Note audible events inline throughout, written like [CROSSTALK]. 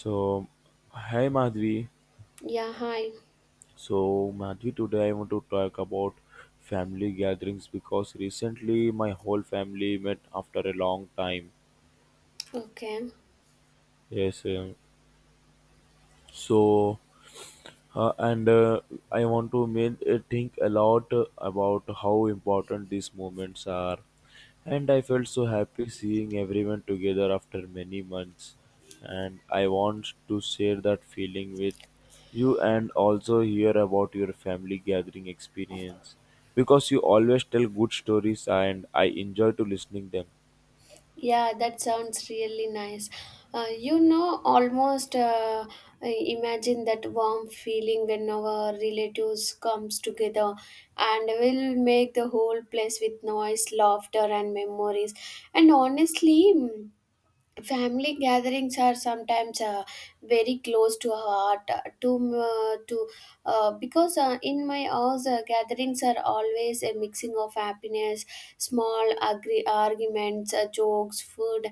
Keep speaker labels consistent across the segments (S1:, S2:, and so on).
S1: So, hi Madhvi.
S2: Yeah, hi.
S1: So, Madhvi, today I want to talk about family gatherings because recently my whole family met after a long time.
S2: Okay.
S1: Yes. So, and I want to think a lot about how important these moments are. And I felt so happy seeing everyone together after many months. And I want to share that feeling with you and also hear about your family gathering experience, because you always tell good stories and I enjoy to listening them.
S2: Yeah, that sounds really nice. Almost I imagine that warm feeling when our relatives comes together and will make the whole place with noise, laughter and memories. And honestly, family gatherings are sometimes very close to our heart to because in my house gatherings are always a mixing of happiness, small agree arguments, jokes, food,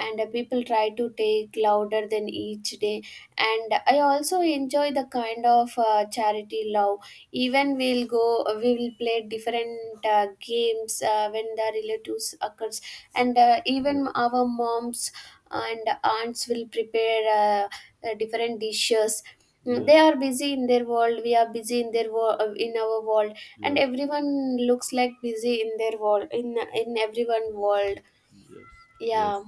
S2: and people try to take louder than each day, and I also enjoy the kind of charity love. Even we'll go, we will play different games when the relatives occurs, and even
S1: Yes,
S2: our moms and aunts will prepare different dishes. They
S1: yes,
S2: are busy in their world. We are busy in their world, in our world, and
S1: yes.
S2: everyone looks like busy in their world, in everyone world.
S1: Yes, yes,
S2: Yeah.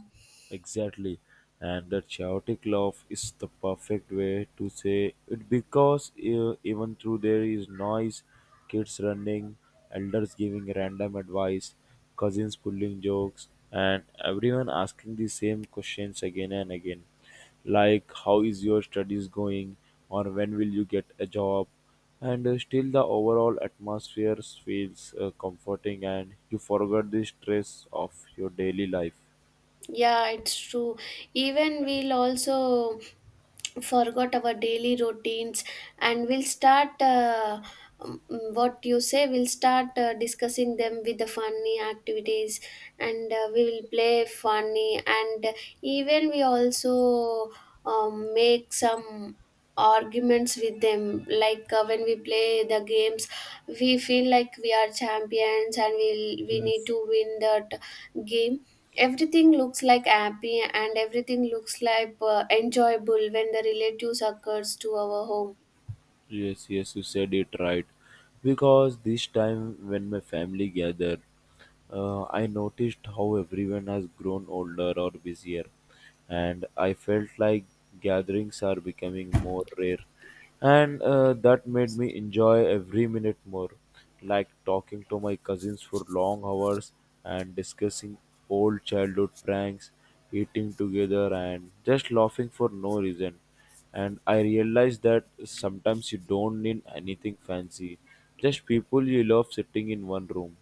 S1: exactly. And that chaotic love is the perfect way to say it, because even though there is noise, kids running, elders giving random advice, cousins pulling jokes, and everyone asking the same questions again and again, like how is your studies going or when will you get a job, and still the overall atmosphere feels comforting and you forget the stress of your daily life.
S2: Yeah, it's true. Even we'll also forgot our daily routines, and we'll start what you say, we'll start discussing them with the funny activities, and we will play funny, and even we also make some arguments with them, like when we play the games we feel like we are champions and we need
S1: Yes.
S2: to win that game. Everything looks like happy and everything looks like enjoyable when the relatives occurs to our home.
S1: Yes, yes, you said it right. Because this time when my family gathered, I noticed how everyone has grown older or busier, and I felt like gatherings are becoming more rare. And that made me enjoy every minute more, like talking to my cousins for long hours and discussing old childhood pranks, eating together, and just laughing for no reason. And I realized that sometimes you don't need anything fancy, just people you love sitting in one room.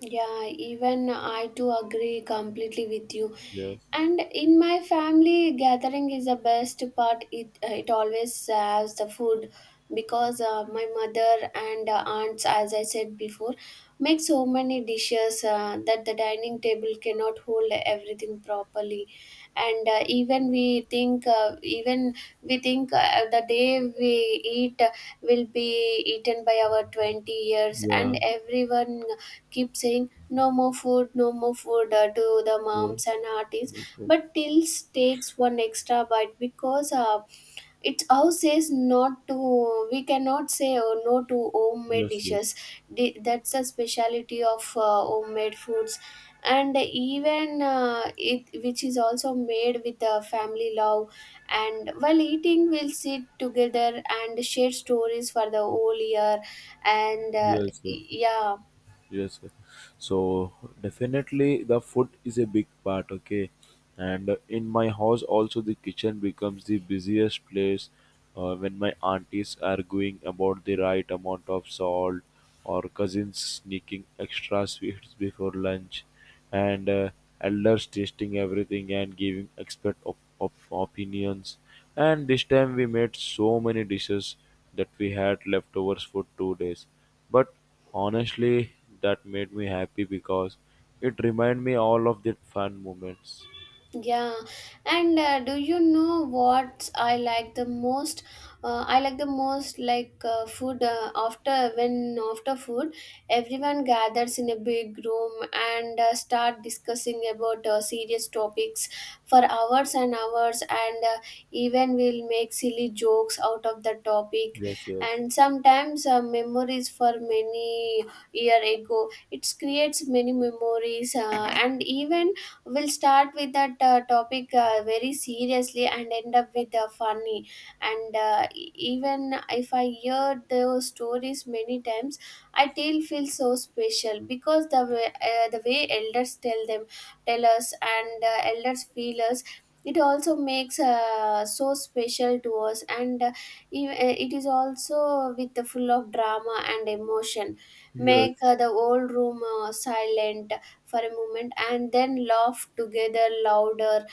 S2: Yeah, even I too agree completely with you.
S1: Yes.
S2: And in my family, gathering is the best part. It always serves the food because my mother and aunts, as I said before, make so many dishes that the dining table cannot hold everything properly. And even we think the day we eat will be eaten by our 20 years,
S1: Yeah.
S2: and everyone keep saying no more food, no more food, to the
S1: Yes.
S2: moms and aunties,
S1: Yes. Sir.
S2: but tills takes one extra bite because its house says not to. We cannot say oh, no to homemade
S1: Yes. Yes.
S2: dishes. That's the speciality of homemade foods, and even it which is also made with family love, and while eating we'll sit together and share stories for the whole year and
S1: Yes. Sir.
S2: yeah
S1: Yes. Sir. So definitely the food is a big part. Okay. And in my house also the kitchen becomes the busiest place when my aunties are arguing about the right amount of salt or cousins sneaking extra sweets before lunch. And elders tasting everything and giving expert opinions. And this time we made so many dishes that we had leftovers for 2 days. But honestly, that made me happy because it reminded me all of the fun moments.
S2: Yeah, and do you know what I like the most? I like the most like food after when after food, everyone gathers in a big room and start discussing about serious topics for hours and hours, and even will make silly jokes out of the topic,
S1: Yes, yes,
S2: and sometimes memories for many year ago. It creates many memories, and even we'll start with that topic very seriously and end up with funny, and even if I hear those stories many times I still feel so special because the way elders tell them, tell us, and elders feel us. It also makes so special to us, and it is also with the full of drama and emotion, make
S1: yes,
S2: the whole room silent for a moment and then laugh together louder,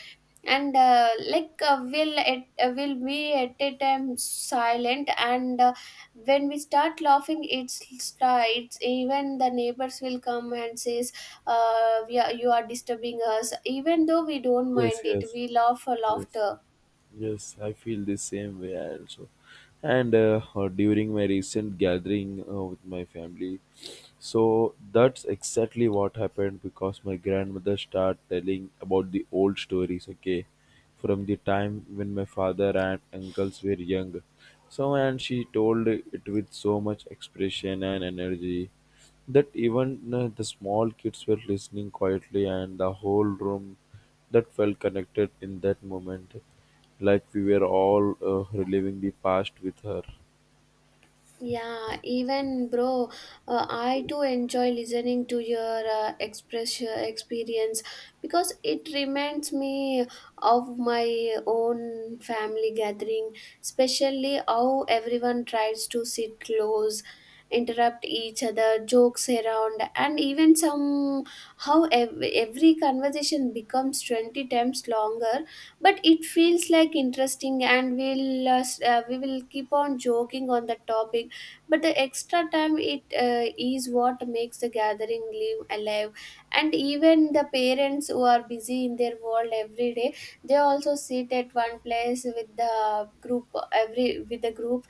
S2: and we'll at, will be at a time silent, and when we start laughing it's even the neighbors will come and says we are, you are disturbing us, even though we don't mind
S1: yes,
S2: it,
S1: yes,
S2: we laugh for
S1: yes,
S2: laughter.
S1: yes. I feel the same way also. And during my recent gathering with my family, so that's exactly what happened because my grandmother started telling about the old stories, okay, from the time when my father and uncles were young. So, and she told it with so much expression and energy that even the small kids were listening quietly, and the whole room that felt connected in that moment, like we were all reliving the past with her.
S2: Yeah, even bro, I too enjoy listening to your express experience because it reminds me of my own family gathering, especially how everyone tries to sit close, interrupt each other, jokes around, and even some how every conversation becomes 20 times longer, but it feels like interesting and we'll we will keep on joking on the topic, but the extra time it is what makes the gathering live alive, and even the parents who are busy in their world every day, they also sit at one place with the group, every with the group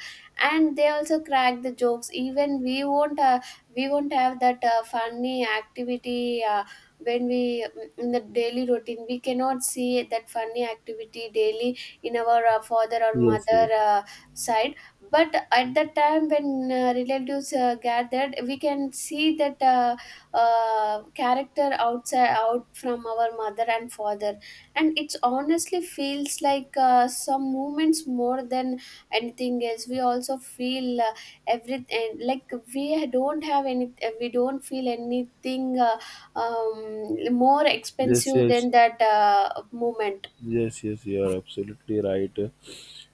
S2: and they also crack the jokes. Even we won't have that funny activity when we in the daily routine we cannot see that funny activity daily in our father or
S1: Yes,
S2: mother
S1: yes,
S2: side, but at that time when relatives gathered, we can see that character outside out from our mother and father, and it's honestly feels like some moments more than anything else. We also feel everything like we don't have any, we don't feel anything more
S1: yes,
S2: expensive
S1: yes.
S2: than that moment.
S1: Yes, yes, you are absolutely right.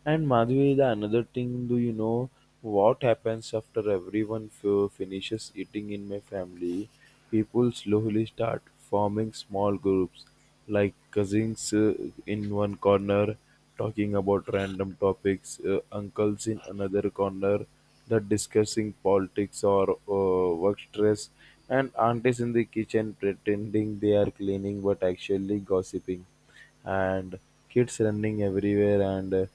S1: And Madhvi, the another thing, do you know what happens after everyone finishes eating in my family? People slowly start forming small groups, like cousins in one corner talking about random topics, uncles in another corner that discussing politics or work stress, and aunties in the kitchen pretending they are cleaning but actually gossiping, and kids running everywhere, and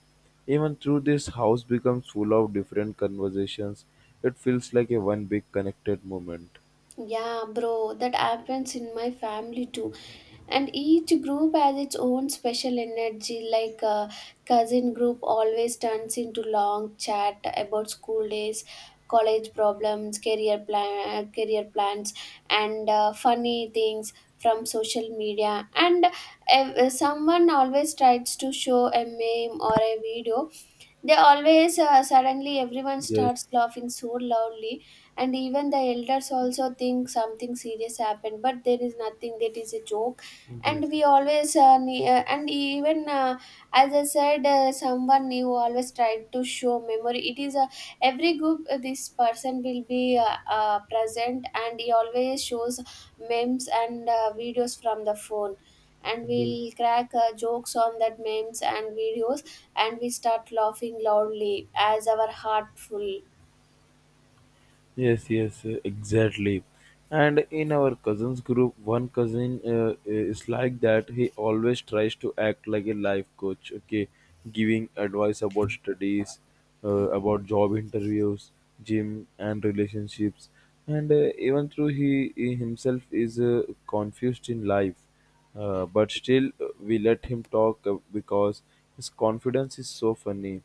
S1: even through this house becomes full of different conversations, it feels like a one big connected moment.
S2: Yeah, bro, that happens in my family too. And each group has its own special energy, like cousin group always turns into long chat about school days, college problems, career plans, and funny things from social media. And someone always tries to show a meme or a video. They always suddenly everyone
S1: Yes,
S2: starts laughing so loudly, and even the elders also think something serious happened, but there is nothing. That is a joke, and
S1: yes,
S2: we always ne- and even as I said, someone new always tried to show memory. It is a every group. This person will be present, and he always shows memes and videos from the phone, and
S1: yes.
S2: we'll crack jokes on that memes and videos, and we start laughing loudly as our heart full.
S1: Yes, yes, exactly. And in our cousins group, one cousin is like that. He always tries to act like a life coach, okay, giving advice about studies, about job interviews, gym, and relationships. And even though he himself is confused in life, but still, we let him talk because his confidence is so funny,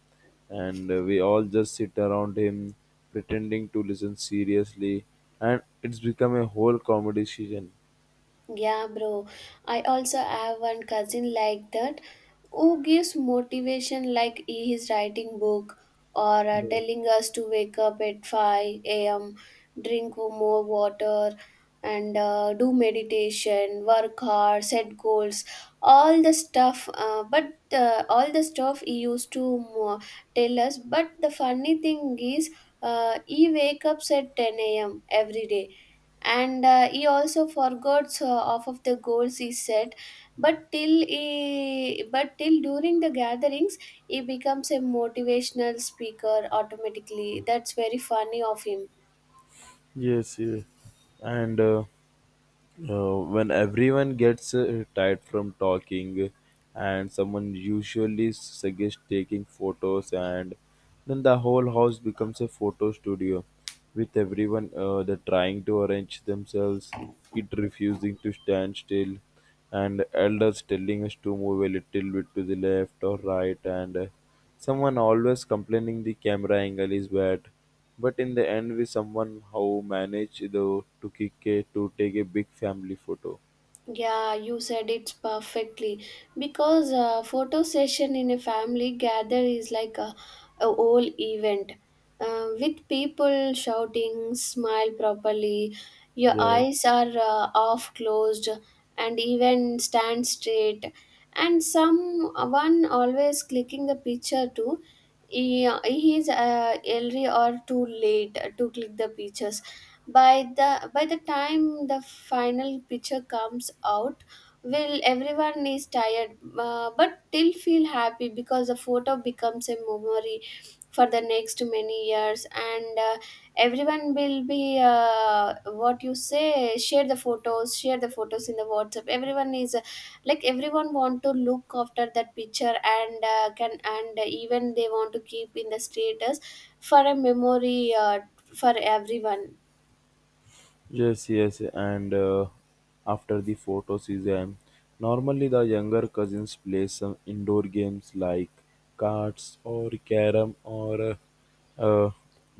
S1: and we all just sit around him pretending to listen seriously, and it's become a whole comedy session.
S2: Yeah, bro. I also have one cousin like that, who gives motivation like he is writing book or
S1: Yeah.
S2: telling us to wake up at 5 a.m., drink more water and do meditation, work hard, set goals, all the stuff. But all the stuff he used to tell us. But the funny thing is, he wake up at 10 a.m. every day, and he also forgot so half of the goals he set, but till during the gatherings he becomes a motivational speaker automatically. That's very funny of him.
S1: Yes, yes, and. When everyone gets tired from talking, and someone usually suggests taking photos, and then the whole house becomes a photo studio with everyone they trying to arrange themselves, kid refusing to stand still, and elders telling us to move a little bit to the left or right, and someone always complaining the camera angle is bad, but in the end we somehow managed though to get to take a big family photo.
S2: Yeah, you said it's perfectly because a photo session in a family gather is like a whole event with people shouting, smile properly, your
S1: Yeah.
S2: eyes are half closed, and even stand straight, and someone always clicking the picture too. He is early or too late to click the pictures. By the time the final picture comes out, will everyone is tired, but still feel happy because the photo becomes a memory for the next many years, and everyone will be what you say, share the photos in the whatsapp. Everyone is like everyone want to look after that picture, and can, and even they want to keep in the status for a memory for everyone.
S1: Yes, yes, and after the photo season, normally the younger cousins play some indoor games like cards or carom or uh, uh,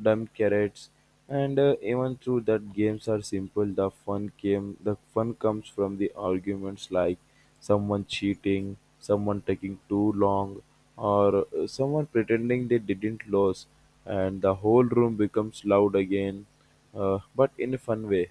S1: dumb carrots. And even though that games are simple, the fun came. The fun comes from the arguments, like someone cheating, someone taking too long, or someone pretending they didn't lose, and the whole room becomes loud again, but in a fun way.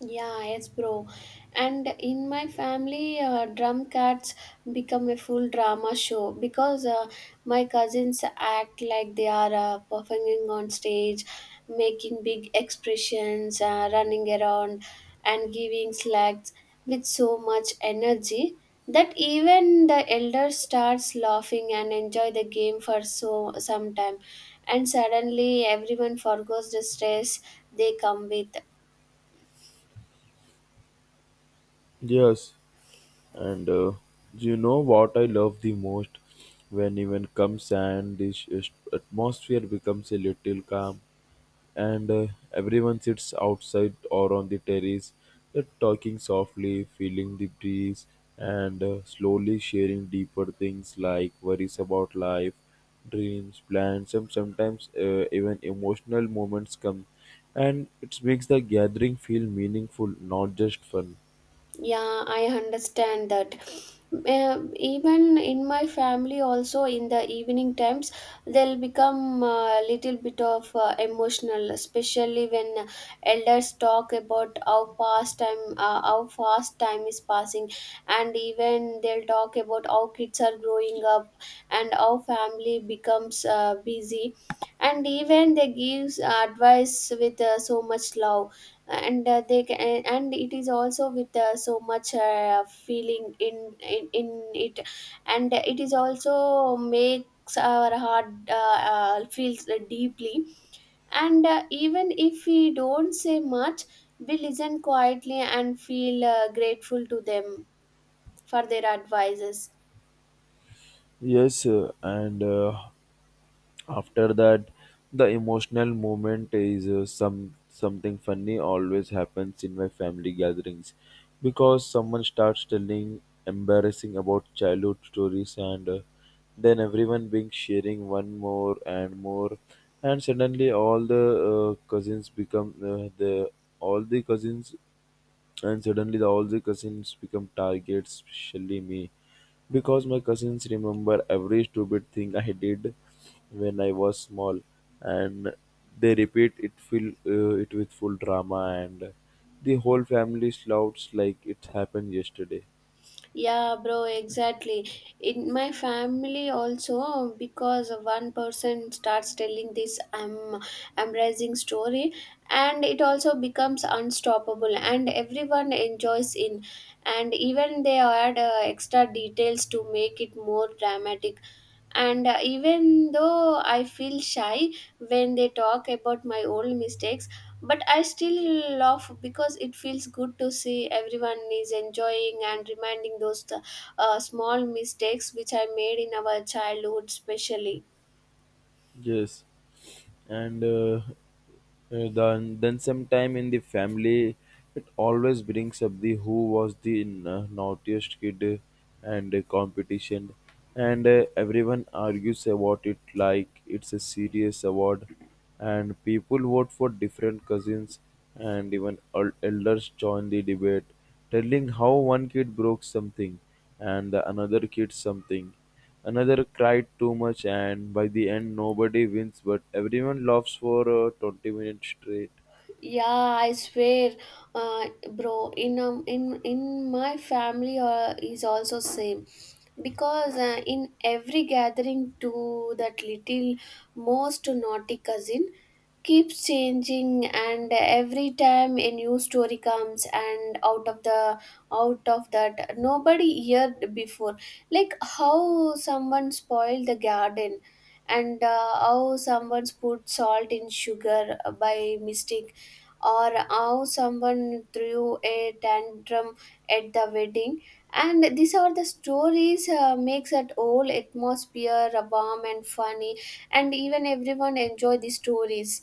S2: Yeah, yes, bro. And in my family, drum cats become a full drama show because my cousins act like they are performing on stage, making big expressions, running around, and giving slacks with so much energy that even the elder starts laughing and enjoy the game for so some time, and suddenly everyone forgets the stress they come with.
S1: Yes. And you know what I love the most? When even comes and this atmosphere becomes a little calm, and everyone sits outside or on the terrace, talking softly, feeling the breeze, and slowly sharing deeper things like worries about life, dreams, plans, and sometimes even emotional moments come. And it makes the gathering feel meaningful, not just fun.
S2: Yeah, I understand that. Even in my family, also in the evening times, they'll become a little bit of emotional, especially when elders talk about how past time, how fast time is passing, and even they'll talk about how kids are growing up and how family becomes busy, and even they gives advice with so much love, and they can, and it is also with so much feeling in it, and it is also makes our heart feels deeply, and even if we don't say much, we listen quietly and feel grateful to them for their advices.
S1: Yes, and after that, the emotional moment is something funny always happens in my family gatherings, because someone starts telling embarrassing about childhood stories, and then everyone being sharing one more and more, and suddenly all the cousins become the all the cousins, and suddenly all the cousins become targets, especially me, because my cousins remember every stupid thing I did when I was small, and they repeat it full it with full drama, and the whole family shouts like it happened yesterday.
S2: Yeah, bro, exactly. In my family also, because one person starts telling this I'm embracing story, and it also becomes unstoppable, and everyone enjoys in, and even they add extra details to make it more dramatic, and even though I feel shy when they talk about my old mistakes, but I still laugh because it feels good to see everyone is enjoying and reminding those small mistakes which I made in our childhood especially.
S1: Yes, and then sometime in the family, it always brings up the who was the naughtiest kid and competition, and everyone argues about it like it's a serious award, and people vote for different cousins, and even elders join the debate, telling how one kid broke something and the another kid something. Another cried too much, and by the end nobody wins but everyone laughs for 20 minutes straight.
S2: Yeah, I swear, uh, bro, in my family is also same, because in every gathering to that little most naughty cousin keeps changing, and every time a new story comes, and out of that nobody heard before, like how someone spoiled the garden, and how someone put salt in sugar by mistake, or how someone threw a tantrum at the wedding, and these are the stories makes that whole atmosphere warm and funny, and even everyone enjoy the stories.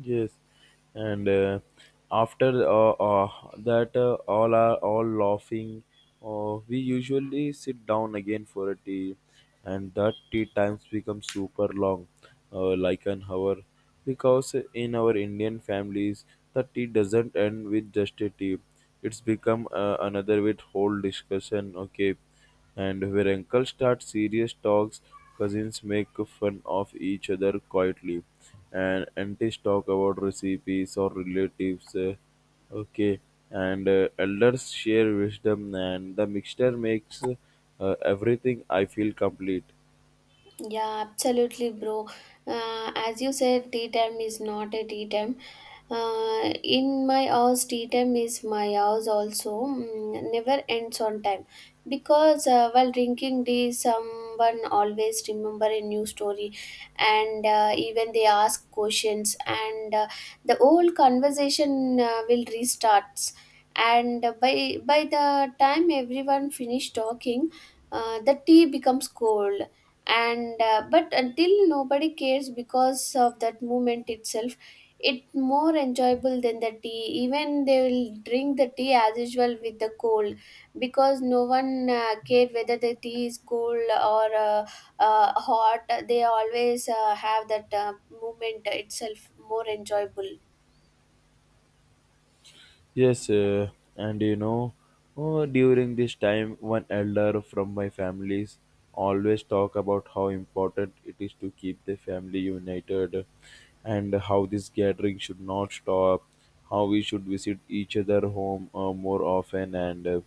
S1: Yes. And after that all laughing, uh, we usually sit down again for a tea, and that tea times become super long, like an hour, because in our Indian families the tea doesn't end with just a tea. It's become another with whole discussion. Okay. And where uncles start serious talks, cousins make fun of each other quietly, and aunties talk about recipes or relatives, okay, and elders share wisdom, and the mixture makes everything I feel complete.
S2: Yeah, absolutely, bro. As you said, tea time is not a tea time. In my house, tea time is my house also. Never ends on time because while drinking tea, someone always remember a new story, and even they ask questions, and the whole conversation will restarts. And by the time everyone finish talking, the tea becomes cold and but until nobody cares because of that movement itself it more enjoyable than the tea even they will drink the tea as usual with the cold because no one cared whether the tea is cold or hot. They always have that movement itself more enjoyable.
S1: Yes, and you know, oh, during this time, one elder from my families always talk about how important it is to keep the family united, and how this gathering should not stop, how we should visit each other home more often, and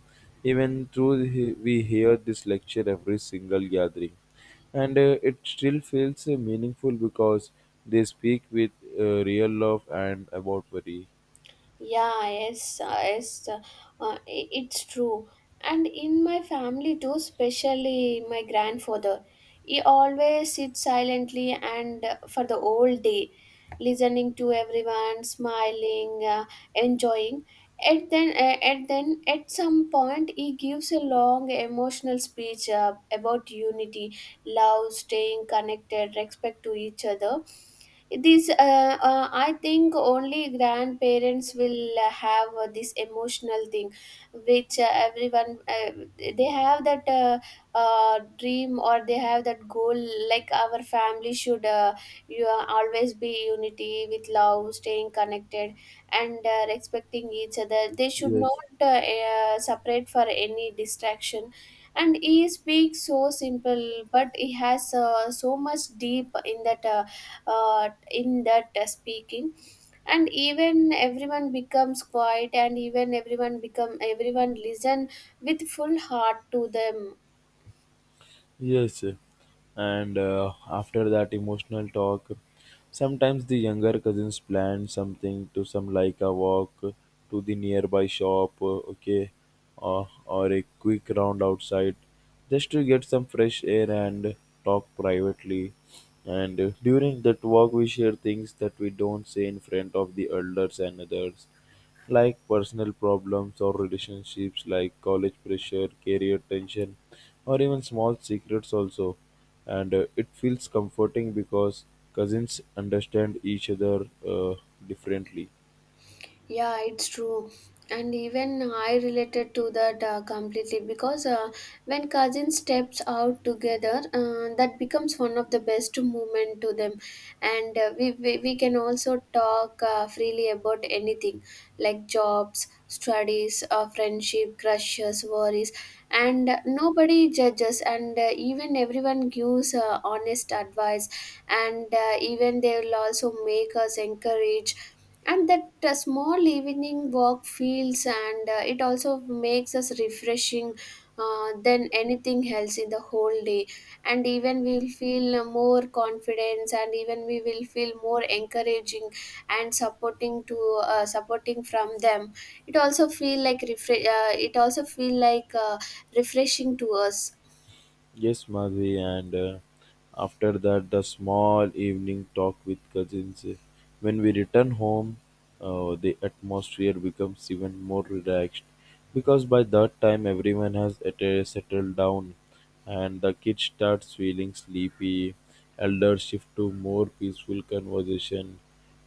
S1: even though we hear this lecture every single gathering, and it still feels meaningful because they speak with real love and about worry.
S2: Yeah, yes, it's true. And in my family too, especially my grandfather, he always sits silently and for the whole day, listening to everyone, smiling, enjoying. At then, at some point, he gives a long emotional speech about unity, love, staying connected, respect to each other. This, I think, only grandparents will have this emotional thing, which everyone they have that dream or they have that goal. Like our family should, you always be unity with love, staying connected, and respecting each other. They should not
S1: Yes.
S2: separate for any distraction. And he speaks so simple, but he has so much deep in that. In that speaking, and even everyone becomes quiet and even everyone become everyone listen with full heart to them.
S1: Yes, and after that emotional talk, sometimes the younger cousins plan something to some like a walk to the nearby shop, okay, or a quick round outside, just to get some fresh air and talk privately. And during that walk, we share things that we don't say in front of the elders and others, like personal problems or relationships, like college pressure, career tension, or even small secrets, also. And it feels comforting because cousins understand each other differently.
S2: Yeah, it's true. And even I related to that completely because when cousins steps out together, that becomes one of the best moment to them. And we can also talk freely about anything like jobs, studies, friendship, crushes, worries. And nobody judges, and even everyone gives honest advice, and even they will also make us encourage, and that small evening walk feels, and it also makes us refreshing than anything else in the whole day, and even we will feel more confidence and even we will feel more encouraging and supporting to supporting from them. It also feel like it also feel like refreshing to us.
S1: Yes, Madhvi, and after that, the small evening talk with cousins. When we return home, the atmosphere becomes even more relaxed, because by that time everyone has settled down, and the kids starts feeling sleepy. Elders shift to more peaceful conversation,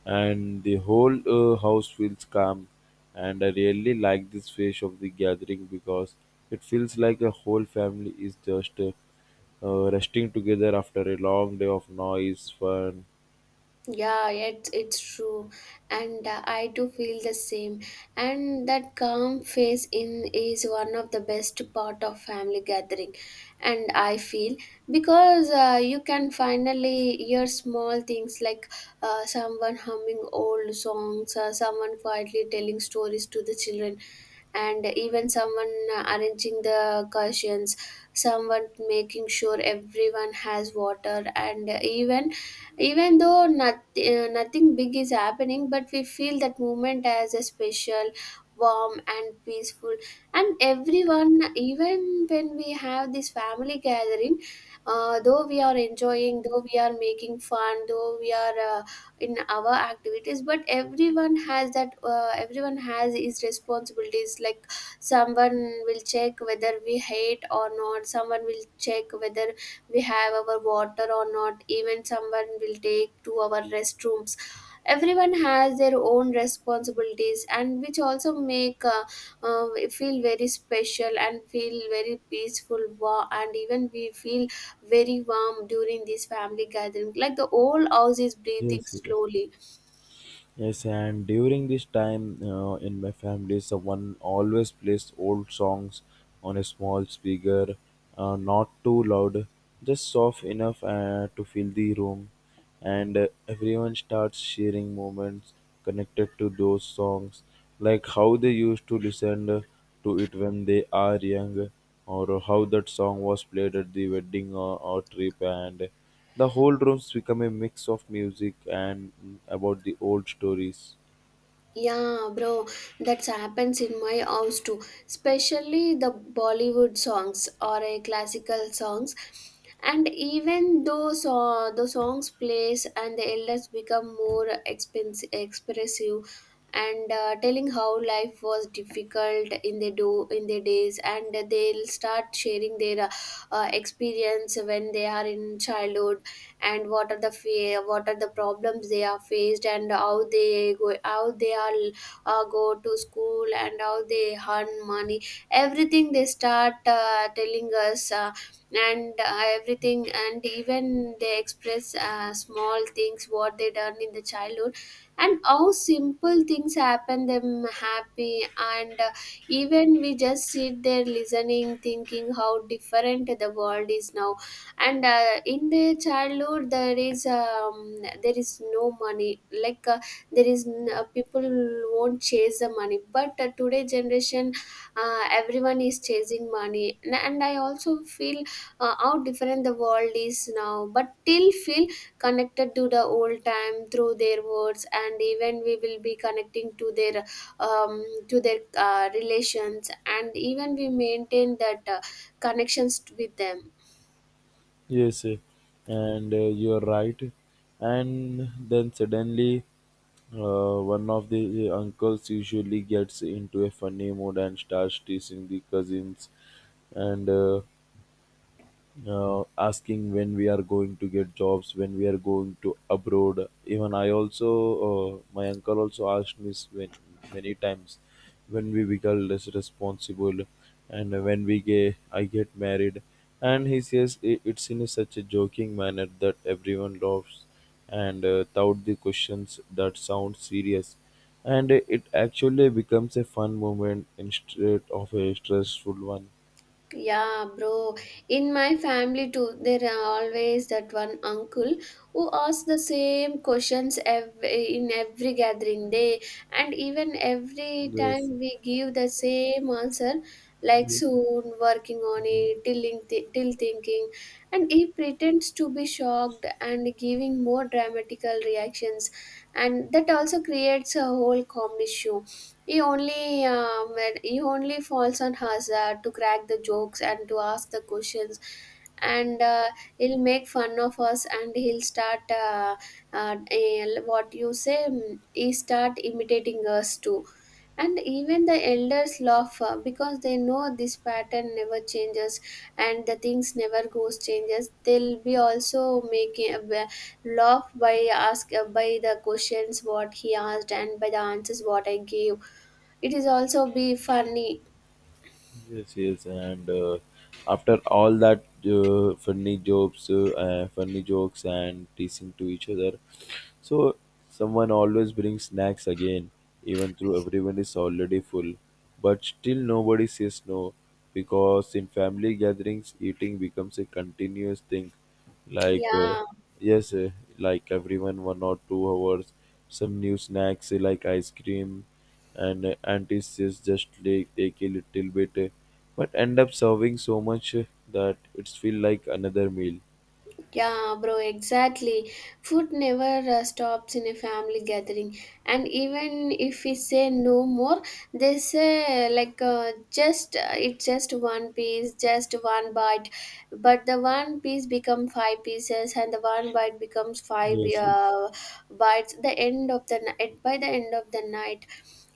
S1: and the whole house feels calm, and I really like this phase of the gathering because it feels like a whole family is just resting together after a long day of noise fun.
S2: Yeah, it's true, and I too feel the same. And that calm face in is one of the best part of family gathering, and I feel because you can finally hear small things like someone humming old songs, someone quietly telling stories to the children, and even someone arranging the cushions, someone making sure everyone has water, and even even though nothing, nothing big is happening, but we feel that moment as a special warm and peaceful. And everyone, even when we have this family gathering, though we are enjoying, though we are making fun, though we are in our activities, but everyone has that everyone has his responsibilities like someone will check whether we hate or not, someone will check whether we have our water or not, even someone will take to our restrooms. Everyone has their own responsibilities, and which also make we feel very special and feel very peaceful. Wow, and even we feel very warm during this family gathering like the whole house is breathing
S1: Yes, yes.
S2: slowly.
S1: Yes, and during this time in my family, someone always plays old songs on a small speaker, not too loud, just soft enough to fill the room, and everyone starts sharing moments connected to those songs, like how they used to listen to it when they are young, or how that song was played at the wedding or trip, and the whole rooms become a mix of music and about the old stories.
S2: Yeah, bro, that's happens in my house too. Especially the Bollywood songs or a classical songs, and even though so, the songs plays and the elders become more expressive, and telling how life was difficult in the do in the days, and they'll start sharing their experience when they are in childhood, and what are the what are the problems they are faced and how they go how they are go to school and how they earn money. Everything they start telling us, and everything. And even they express small things what they done in the childhood, and how simple things happen them happy. And even we just sit there listening, thinking how different the world is now. And in their childhood there is no money like, people won't chase the money, but today generation everyone is chasing money. And I also feel how different the world is now, but still feel connected to the old time through their words. And even we will be connecting to their relations, and even we maintain that connections with them.
S1: Yes, and you're right. And then suddenly, one of the uncles usually gets into a funny mood and starts teasing the cousins, and asking when we are going to get jobs, when we are going to abroad. Even I also my uncle also asked me when, many times, when we become less responsible and when we get I get married, and he says I it's in a such a joking manner that everyone laughs, and tout the questions that sound serious, and it actually becomes a fun moment instead of a stressful one.
S2: Yeah, bro. In my family too, there are always that one uncle who asks the same questions every, in every gathering day, and even every time
S1: Yes.
S2: we give the same answer, like soon, working on it, till, till thinking, and he pretends to be shocked and giving more dramatical reactions, and that also creates a whole comedy show. He only he only falls on hazard to crack the jokes and to ask the questions, and he'll make fun of us, and he'll start what you say. He start imitating us too, and even the elders laugh because they know this pattern never changes and the things never goes changes. They'll be also making laugh by ask by the questions what he asked and by the answers what I gave. It is also be funny.
S1: Yes, yes, and after all that funny jokes and teasing to each other, so someone always brings snacks again, even though everyone is already full. But still, nobody says no, because in family gatherings, eating becomes a continuous thing, like uh,
S2: Yeah,
S1: yes, like everyone 1 or 2 hours some new snacks, like ice cream, and auntie says just like take a little bit, but end up serving so much that it's feel like another meal.
S2: yeah, bro, exactly. Food never stops in a family gathering. And even if we say no more, they say like just it's just one piece, just one bite. But the one piece become five pieces, and the one bite becomes five
S1: Yes, yes.
S2: bites. The end of the night By the end of the night,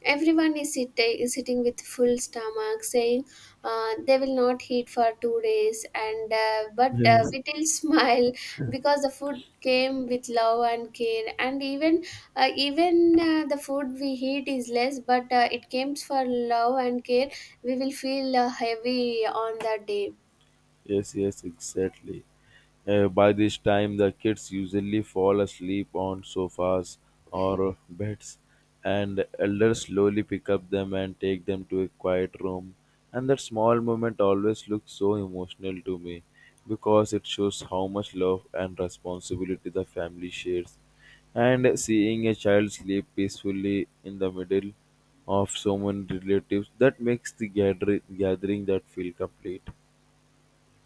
S2: everyone is sitting with full stomach, saying they will not eat for 2 days, and but
S1: [LAUGHS] Yes.
S2: we will [LAUGHS] smile because the food came with love and care. And even the food we eat is less, but it comes for love and care. We will feel heavy on that day.
S1: Yes, yes, exactly. By this time, the kids usually fall asleep on sofas or beds, and elders slowly pick up them and take them to a quiet room. And that small moment always looks so emotional to me, because it shows how much love and responsibility the family shares. And seeing a child sleep peacefully in the middle of so many relatives, that makes the gathering that feel complete.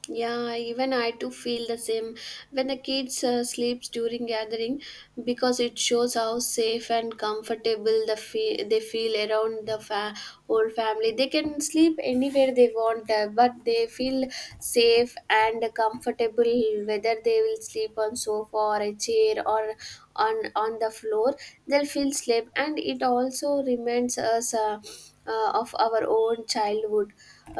S2: Yeah, even I too feel the same when the kids sleeps during gathering, because it shows how safe and comfortable the they feel around the whole family. They can sleep anywhere they want, but they feel safe and comfortable whether they will sleep on sofa or a chair or on the floor. They'll feel sleep, and it also reminds us of our own childhood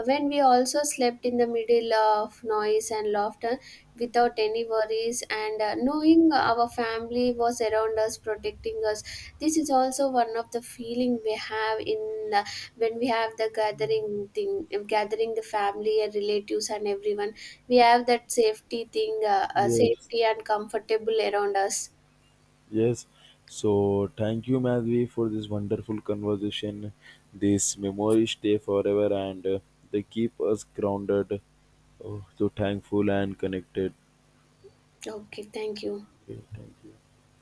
S2: when we also slept in the middle of noise and laughter without any worries, and knowing our family was around us protecting us. This is also one of the feeling we have in when we have the gathering thing gathering the family and relatives and everyone, we have that safety thing
S1: Yes.
S2: safety and comfortable around us.
S1: Yes. So thank you, Madhvi, for this wonderful conversation. These memories stay forever, and they keep us grounded, oh, so thankful and connected.
S2: Okay, thank you.
S1: Okay, thank you.